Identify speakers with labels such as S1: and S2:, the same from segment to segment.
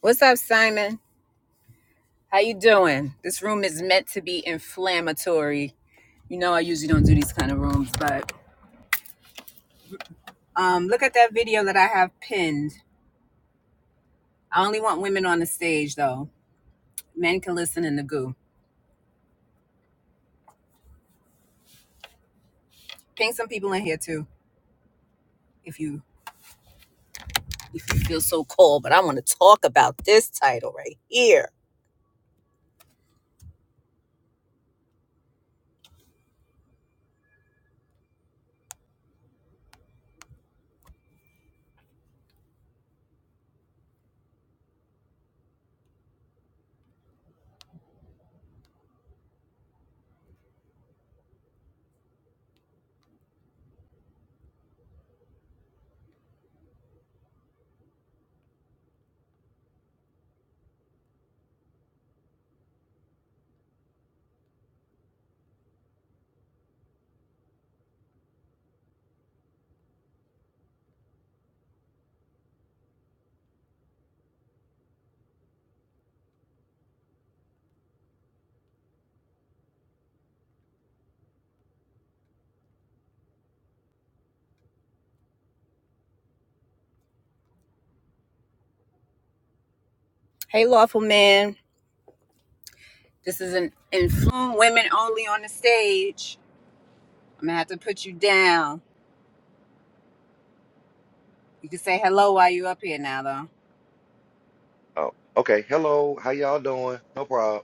S1: What's up, Simon? How you doing? This room is meant to be inflammatory. You know I usually don't do these kind of rooms, but um, look at that video that I have pinned. I only want women on the stage though. Men can listen in the goo. Ping some people in here too, if you if you feel so called. But I want to talk about this title right here. Hey, lawful man. This is an influence women only on the stage. I'm gonna have to put you down. You can say hello while you up here now though.
S2: Oh, okay. Hello. How y'all doing? No problem.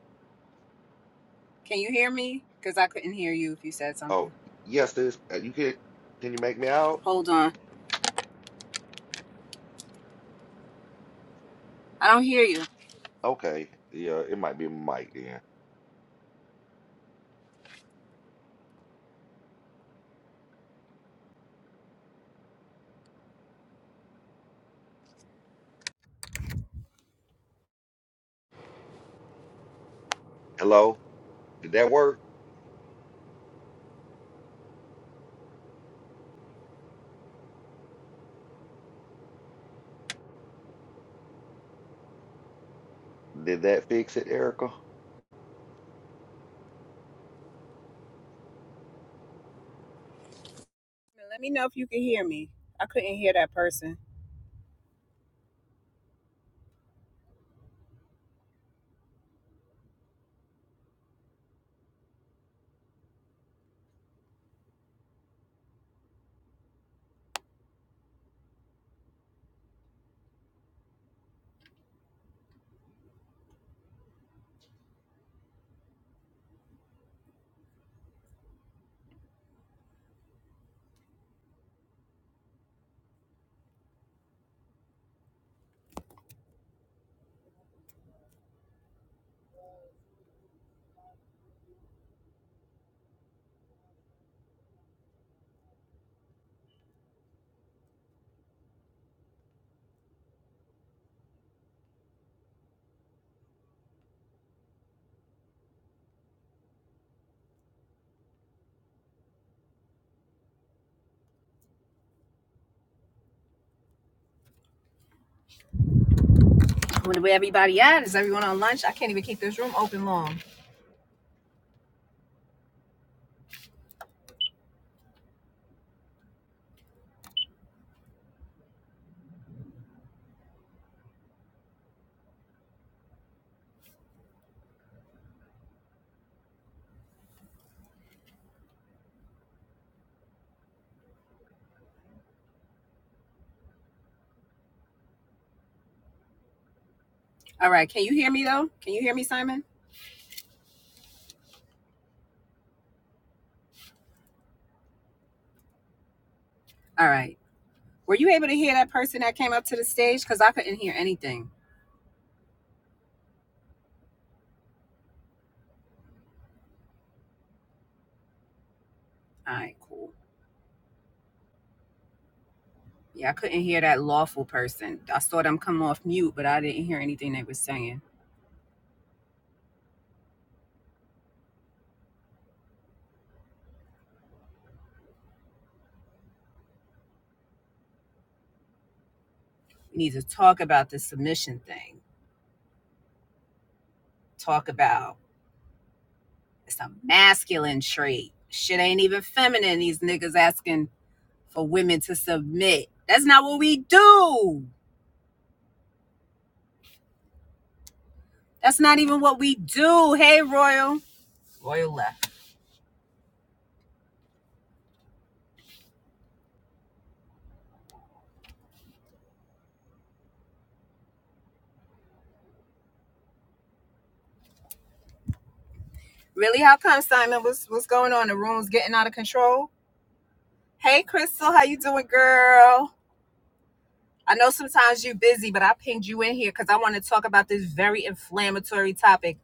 S1: Can you hear me? Because I couldn't hear you if you said something.
S2: Oh, yes, sis. Uh, You can can you make me out?
S1: Hold on. I don't hear you.
S2: Okay. Yeah, it might be my mic then. Hello? Did that work? Did that fix it, Erica?
S1: Let me know if you can hear me. I couldn't hear that person. Where everybody at? Is everyone on lunch? I can't even keep this room open long. All right. Can you hear me though? Can you hear me, Simon? All right. Were you able to hear that person that came up to the stage? Because I couldn't hear anything. All right, cool. Yeah, I couldn't hear that lawful person. I saw them come off mute, but I didn't hear anything they were saying. We need to talk about the submission thing. Talk about It's a masculine trait. Shit ain't even feminine. These niggas asking for women to submit. That's not what we do. That's not even what we do. Hey, Royal. Royal left. Really? How come, Simon? What's what's going on? The room's getting out of control. Hey, Crystal. How you doing, girl? I know sometimes you busy, but I pinged you in here because I want to talk about this very inflammatory topic.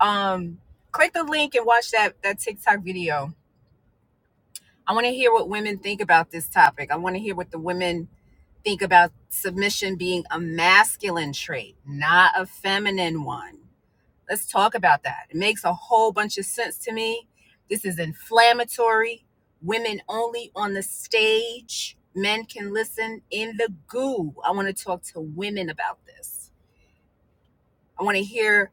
S1: Um, click the link and watch that that TikTok video. I want to hear what women think about this topic. I want to hear what the women think about submission being a masculine trait, not a feminine one. Let's talk about that. It makes a whole bunch of sense to me. This is inflammatory. Women only on the stage. Men can listen in the goo. I want to talk to women about this. I want to hear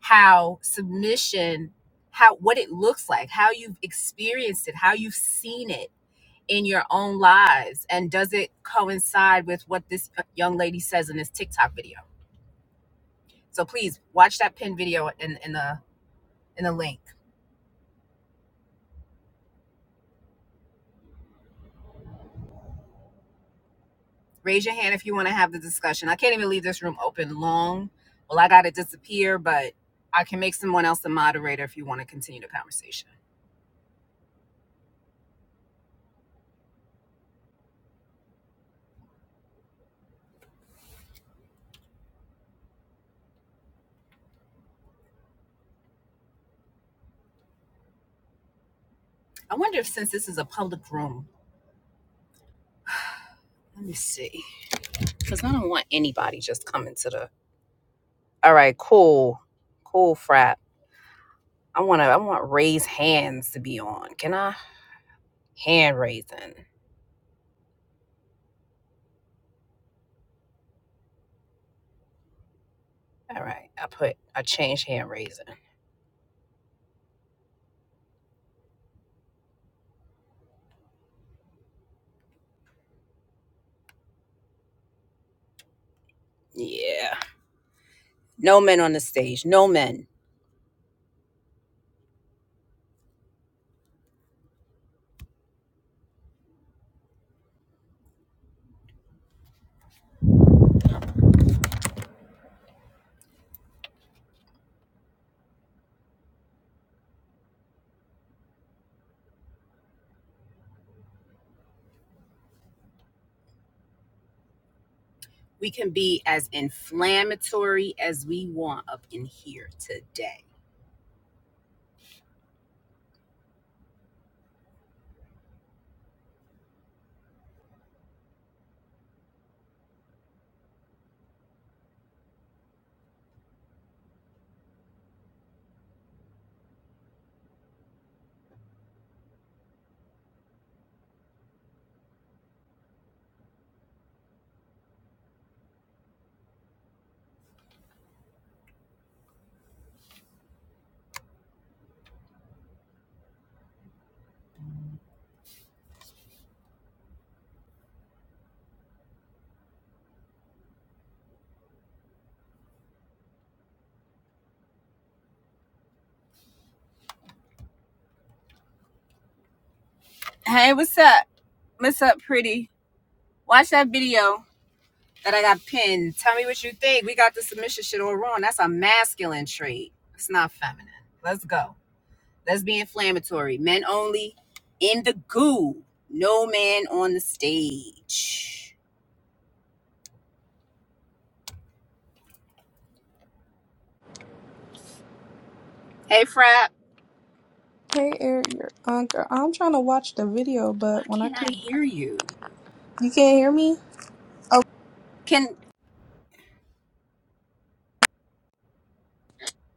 S1: how submission, how what it looks like, how you've experienced it, how you've seen it in your own lives? And does it coincide with what this young lady says in this TikTok video? So please watch that pin video in, in the in the link. Raise your hand if you want to have the discussion. I can't even leave this room open long. Well, I gotta disappear, but I can make someone else the moderator if you want to continue the conversation. I wonder if since this is a public room, let me see. Because I don't want anybody just coming to the all right, cool. Cool frat. I wanna I want raise hands to be on. Can I? Hand raising. All right. I put, I changed hand raising. Yeah. No men on the stage. No men. We can be as inflammatory as we want up in here today. Hey, what's up? What's up, pretty? Watch that video that I got pinned. Tell me what you think. We got the submission shit all wrong. That's a masculine trait. It's not feminine. Let's go. Let's be inflammatory. Men only in the goo. No man on the stage. Hey, Frap.
S3: Hey Eric, your Uncle. I'm trying to watch the video,
S1: Why
S3: but when I
S1: can't I
S3: click,
S1: hear you?
S3: you can't hear me. Oh,
S1: Can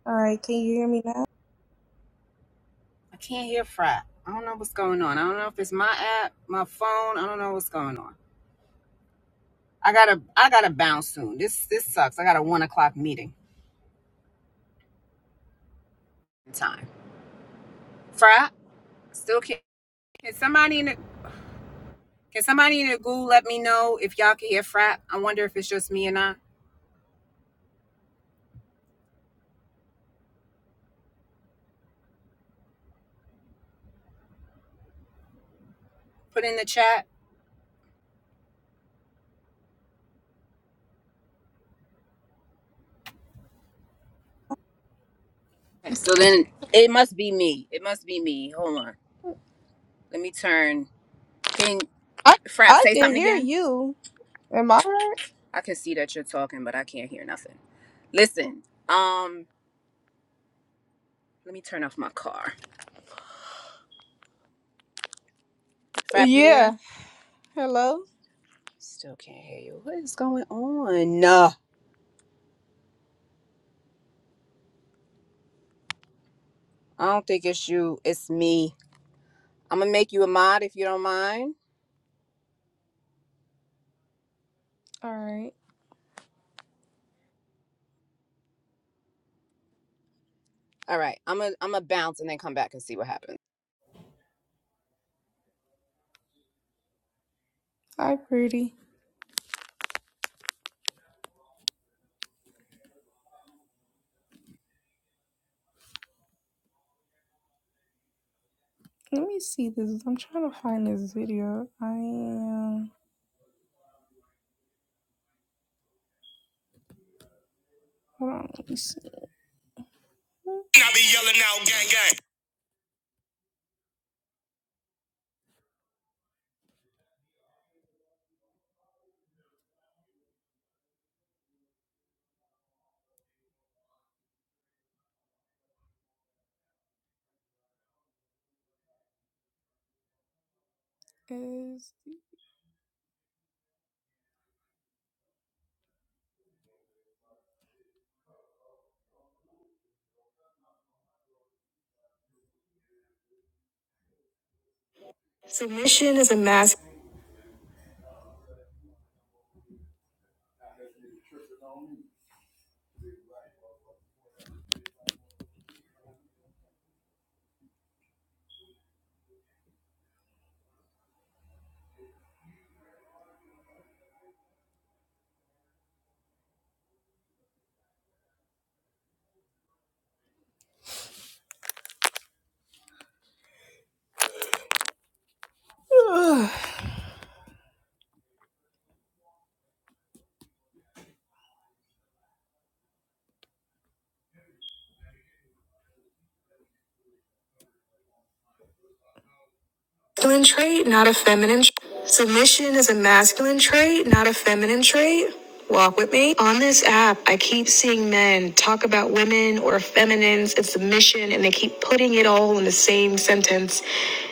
S3: all right. Can you hear me now?
S1: I can't hear Fry. I don't know what's going on. I don't know if it's my app, my phone. I don't know what's going on. I gotta I gotta bounce soon. This this sucks. I got a one o'clock meeting time. Fry, still can't can somebody in the can somebody in the Google let me know if y'all can hear Fry? I wonder if it's just me and I. Put in the chat. Okay, so then it must be me. It must be me. Hold on. Let me turn. Can
S3: I
S1: Frap
S3: I
S1: say
S3: can
S1: something
S3: hear
S1: again?
S3: you. Am I heard?
S1: I can see that you're talking, but I can't hear nothing. Listen, um, let me turn off my car. Frap, you there?
S3: Yeah. Hello.
S1: Still can't hear you. What is going on? No, I don't think it's you. It's me. I'm gonna make you a mod if you don't mind.
S3: All right.
S1: All right, I'm gonna I'm gonna bounce and then come back and see what happens.
S3: Hi, pretty. Let me see this. I'm trying to find this video. I am. Hold on. Let me see. I be yelling out, gang, gang. Is submission is a mask. masculine trait, not a feminine. tr- Submission is a masculine trait, not a feminine trait. Walk with me. On this app, I keep seeing men talk about women or feminines and submission, and they keep putting it all in the same sentence.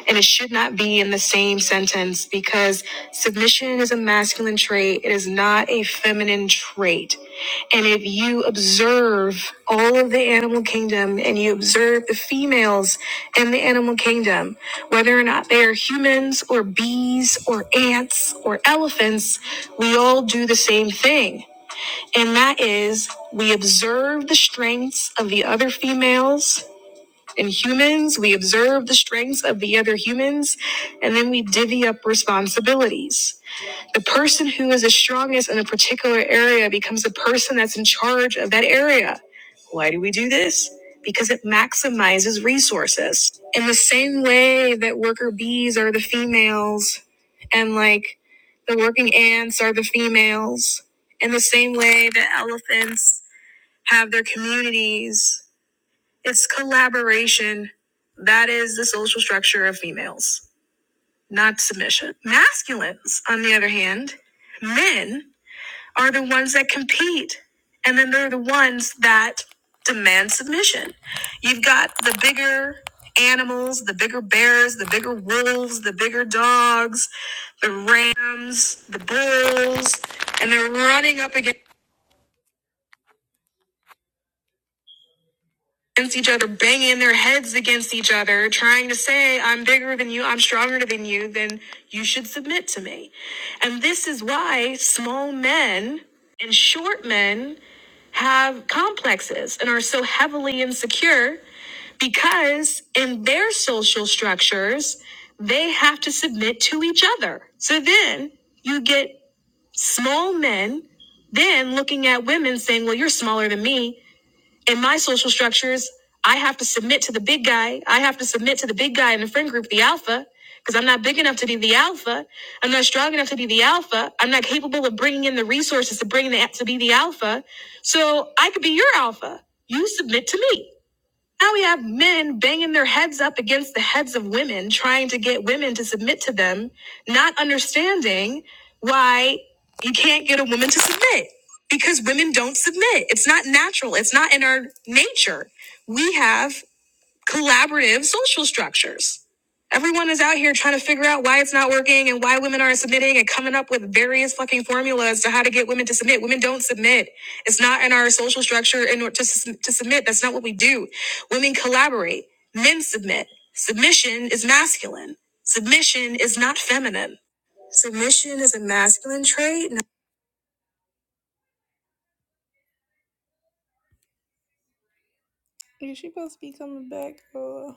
S3: And it should not be in the same sentence because submission is a masculine trait. It is not a feminine trait. And if you observe all of the animal kingdom and you observe the females in the animal kingdom, whether or not they are humans or bees or ants or elephants, we all do the same thing. And that is we observe the strengths of the other females and humans, we observe the strengths of the other humans, and then we divvy up responsibilities. The person who is the strongest in a particular area becomes the person that's in charge of that area. Why do we do this? Because it maximizes resources. In the same way that worker bees are the females and like the working ants are the females, in the same way that elephants have their communities, it's collaboration. That is the social structure of females, not submission. Masculines, on the other hand, men are the ones that compete. And then they're the ones that demand submission. You've got the bigger animals, the bigger bears, the bigger wolves, the bigger dogs, the rams, the bulls, and they're running up against. against each other, banging their heads against each other, trying to say, I'm bigger than you, I'm stronger than you, then you should submit to me. And this is why small men and short men have complexes and are so heavily insecure because in their social structures, they have to submit to each other. So then you get small men then looking at women saying, Well, you're smaller than me in my social structures, I have to submit to the big guy. I have to submit to the big guy in the friend group, the alpha, because I'm not big enough to be the alpha. I'm not strong enough to be the alpha. I'm not capable of bringing in the resources to bring the to be the alpha. So I could be your alpha. You submit to me. Now we have men banging their heads up against the heads of women, trying to get women to submit to them, not understanding why you can't get a woman to submit because women don't submit. It's not natural, it's not in our nature. We have collaborative social structures. Everyone is out here trying to figure out why it's not working and why women aren't submitting and coming up with various fucking formulas to how to get women to submit. Women don't submit. It's not in our social structure in order to, sus- to submit. That's not what we do. Women collaborate. Men submit. Submission is masculine. Submission is not feminine. Submission is a masculine trait. Is she supposed to be coming back? Uh,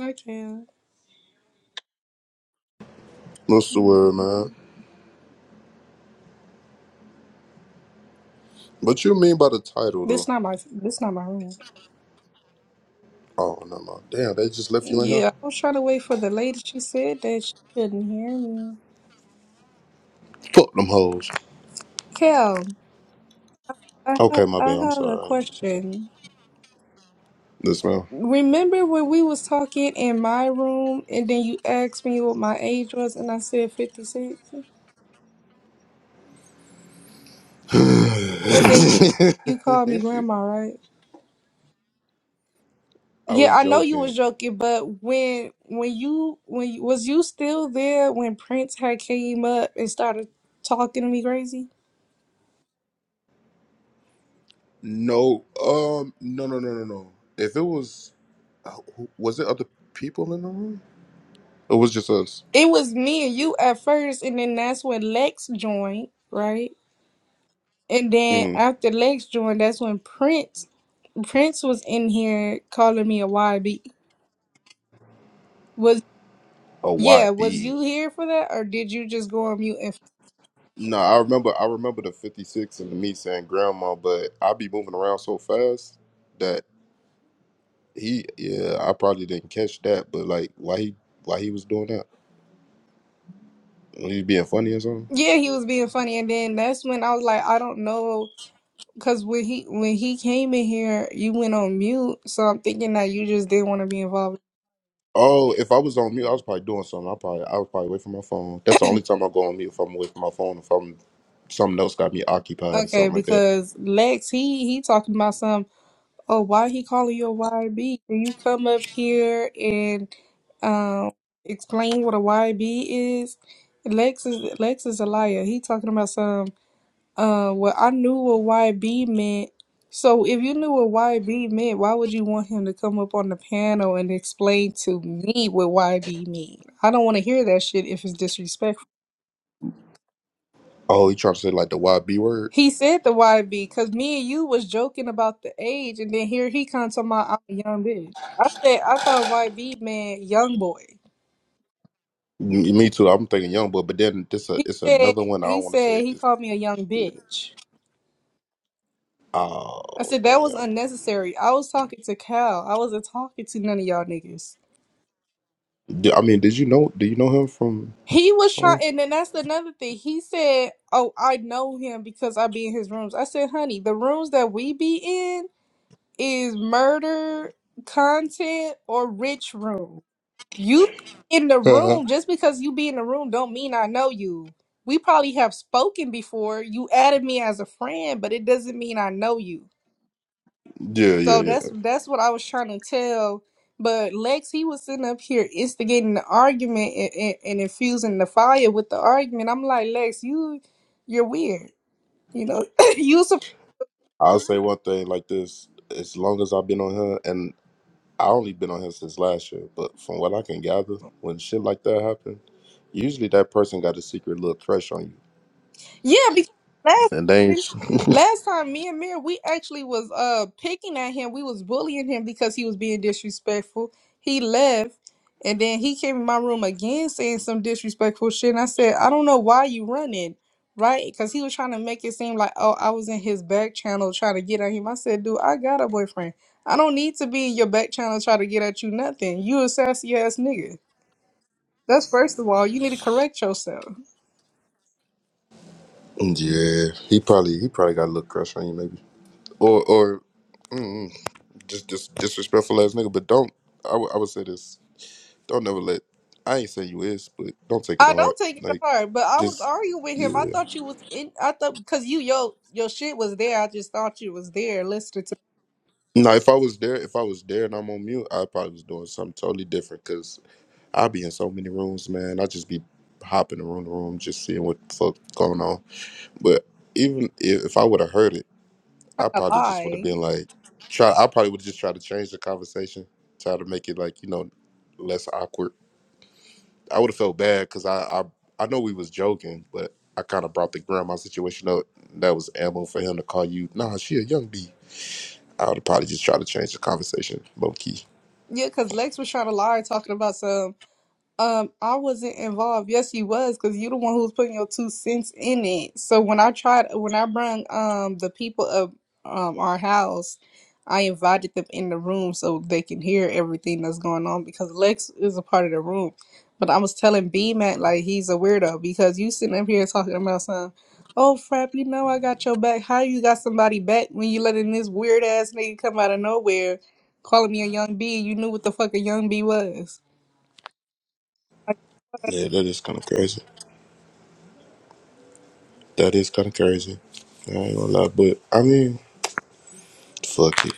S3: I can't.
S4: What's the word, man? What you mean by the title,
S3: This
S4: though?
S3: not my. This not my room.
S4: Oh, no, no. Damn, they just left you in here?
S3: Yeah, I was trying to wait for the lady. She said that she couldn't hear me.
S4: Fuck them hoes.
S3: Kel, I have
S4: Okay, my bad.
S3: I
S4: I'm
S3: have a
S4: sorry. I ain't mean to say that.
S3: question.
S4: This man.
S3: Remember when we was talking in my room, and then you asked me what my age was, and I said fifty six, and then you, you called me grandma, right?
S4: I
S3: Yeah,
S4: was
S3: I know you
S4: joking.
S3: was joking, but when when you when you, was you still there when Prince had came up and started talking to me crazy?
S4: No, um, no, no, no, no, no. If it was, uh, who- was it other people in the room? It was just us.
S3: It was me and you at first, and then that's when Lex joined, right? And then
S4: Mm.
S3: after Lex joined, that's when Prince Prince was in here calling me a YB. Was
S4: A
S3: yeah, was
S4: YB.
S3: you here for that or did you just go on mute and
S4: No, I remember. I remember the fifty six and me saying grandma, but I be moving around so fast that He yeah, I probably didn't catch that, but like why he why he was doing that? Was he being funny or something?
S3: Yeah, he was being funny and then that's when I was like, I don't know cuz when he when he came in here, you went on mute, so I'm thinking that you just didn't want to be involved.
S4: Oh, if I was on mute, I was probably doing something. I probably I was probably away from my phone. That's the only time I go on mute if I'm away from my phone, if I'm something else got me occupied or
S3: Okay,
S4: something like that.
S3: because Lex he he talking about some. Oh, why he calling you a YB? Can you come up here and um explain what a YB is? Lex is Lex is a liar. He talking about some uh well I knew what YB meant. So if you knew what YB meant, why would you want him to come up on the panel and explain to me what YB mean? I don't want to hear that shit if it's disrespectful.
S4: Oh, he trying to say like the YB word?
S3: He said the YB because me and you was joking about the age, and then here he comes to my I'm a young bitch. I said I thought YB meant young boy.
S4: M- Me too. I'm thinking young boy, but then this a,
S3: He
S4: it's
S3: said
S4: another one I
S3: he
S4: don't want to say.
S3: said he
S4: It's,
S3: called me a young bitch. I
S4: oh
S3: said that was
S4: damn.
S3: unnecessary. I was talking to Cal. I wasn't talking to none of y'all niggas.
S4: D- I mean, did you know? Do you know him from
S3: He was trying,
S4: somewhere?
S3: and then that's another thing. He said, "Oh, I know him because I be in his rooms." I said, "Honey, the rooms that we be in is murder content or rich room." You in the
S4: yeah,
S3: room, just because you be in the room don't mean I know you. We probably have spoken before. You added me as a friend, but it doesn't mean I know you.
S4: yeah,
S3: So
S4: yeah.
S3: that's that's what I was trying to tell. But Lex, he was sitting up here instigating the argument and, and, and infusing the fire with the argument. I'm like, Lex, you you're weird. You know, you
S4: I'll say one thing like this: as long as I've been on here, and I only been on here since last year, but from what I can gather, when shit like that happen, usually that person got a secret little crush on you,
S3: Yeah, because last
S4: and they ain't.
S3: time, last time me and Mir, we actually was uh picking at him. We was bullying him because he was being disrespectful. He left, and then he came in my room again saying some disrespectful shit. And I said, I don't know why you running, right? Because he was trying to make it seem like, oh, I was in his back channel trying to get at him. I said, dude, I got a boyfriend. I don't need to be in your back channel trying to get at you nothing. You a sassy ass nigga. That's first of all. You need to correct yourself.
S4: yeah, he probably he probably got a little crush on you, maybe, or or mm, just just disrespectful ass nigga. But don't I w- I would say this: don't never let. I ain't saying you is, but don't take it to
S3: I
S4: heart.
S3: don't take it to
S4: Like
S3: heart, but I was
S4: just
S3: arguing with him. I
S4: yeah.
S3: thought you was in. I thought because you yo your shit was there. I just thought you was there listening to
S4: Now, if I was there, if I was there and I'm on mute, I probably was doing something totally different. I be in so many rooms, man. I just be hopping around the room, just seeing what the fuck going on. But even if, if I would have heard it, I
S3: trying to
S4: probably just would have
S3: lie.
S4: been like, try. I probably would have just tried to change the conversation, try to make it like you know less awkward. I would have felt bad because I, I I know we was joking, but I kind of brought the grandma situation up. That was ammo for him to call you. Nah, she a young bee. I would have probably just tried to change the conversation, low key.
S3: Yeah, because Lex was trying to lie, talking about some. Um, I wasn't involved. Yes, you was, because you the one who was putting your two cents in it. So when I tried, when I brung um the people of um our house, I invited them in the room so they can hear everything that's going on because Lex is a part of the room. But I was telling B Mac like he's a weirdo because you sitting up here talking about some, oh frap, you know I got your back. How you got somebody back when you letting this weird ass nigga come out of nowhere, calling me a young B? You knew what the fuck a young B was.
S4: Yeah, that is kind of crazy. That is kind of crazy. I ain't gonna lie, but I mean. Fuck it.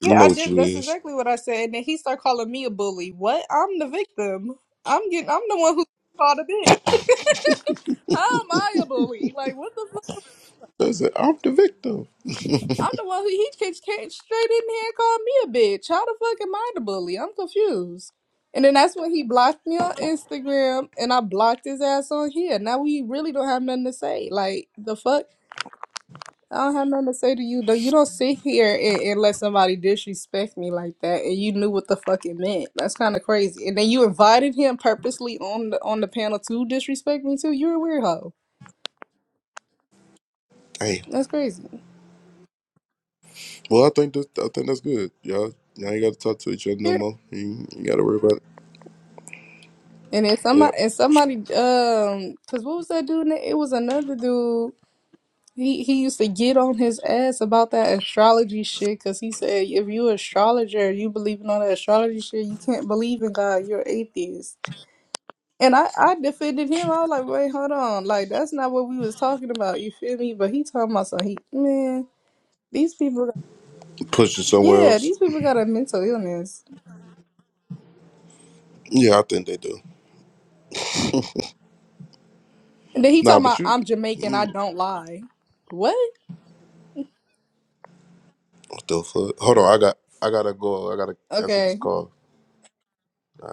S3: Yeah,
S4: You know
S3: I
S4: what
S3: did.
S4: you
S3: That's
S4: is.
S3: exactly what I said. And then he started calling me a bully. What? I'm the victim. I'm getting. I'm the one who called a bitch. How am I a bully? Like what the fuck?
S4: That's it. I'm the victim.
S3: I'm the one who he kicked came straight in here and called me a bitch. How the fuck am I the bully? I'm confused. And then that's when he blocked me on Instagram, and I blocked his ass on here. Now we really don't have nothing to say. Like the fuck. I don't have nothing to say to you though. You don't sit here and, and let somebody disrespect me like that, and you knew what the fuck it meant. That's kind of crazy. And then you invited him purposely on the on the panel to disrespect me too. You're a weirdo.
S4: Damn.
S3: That's crazy.
S4: Well, I think that I think that's good. Y'all, y'all ain't got to talk to each other no
S3: Period.
S4: more. You, you got to worry about it.
S3: And then somebody
S4: Yeah.
S3: and somebody um, cause what was that dude? na- It was another dude. He he used to get on his ass about that astrology shit, cause he said if you astrologer, you believe in all that astrology shit, you can't believe in God. You're atheist. And I, I defended him. I was like, wait, hold on. Like, that's not what we was talking about. You feel me? But he talking about something. he man, these people
S4: Push it somewhere
S3: yeah,
S4: else.
S3: these people got a mental illness.
S4: Yeah, I think they do.
S3: And then he
S4: Nah,
S3: talking
S4: but
S3: about
S4: you.
S3: I'm Jamaican,
S4: mm,
S3: I don't lie. What?
S4: What the fuck? Hold on. I got. I gotta go. I gotta answer this
S3: Okay.
S4: call. Nah.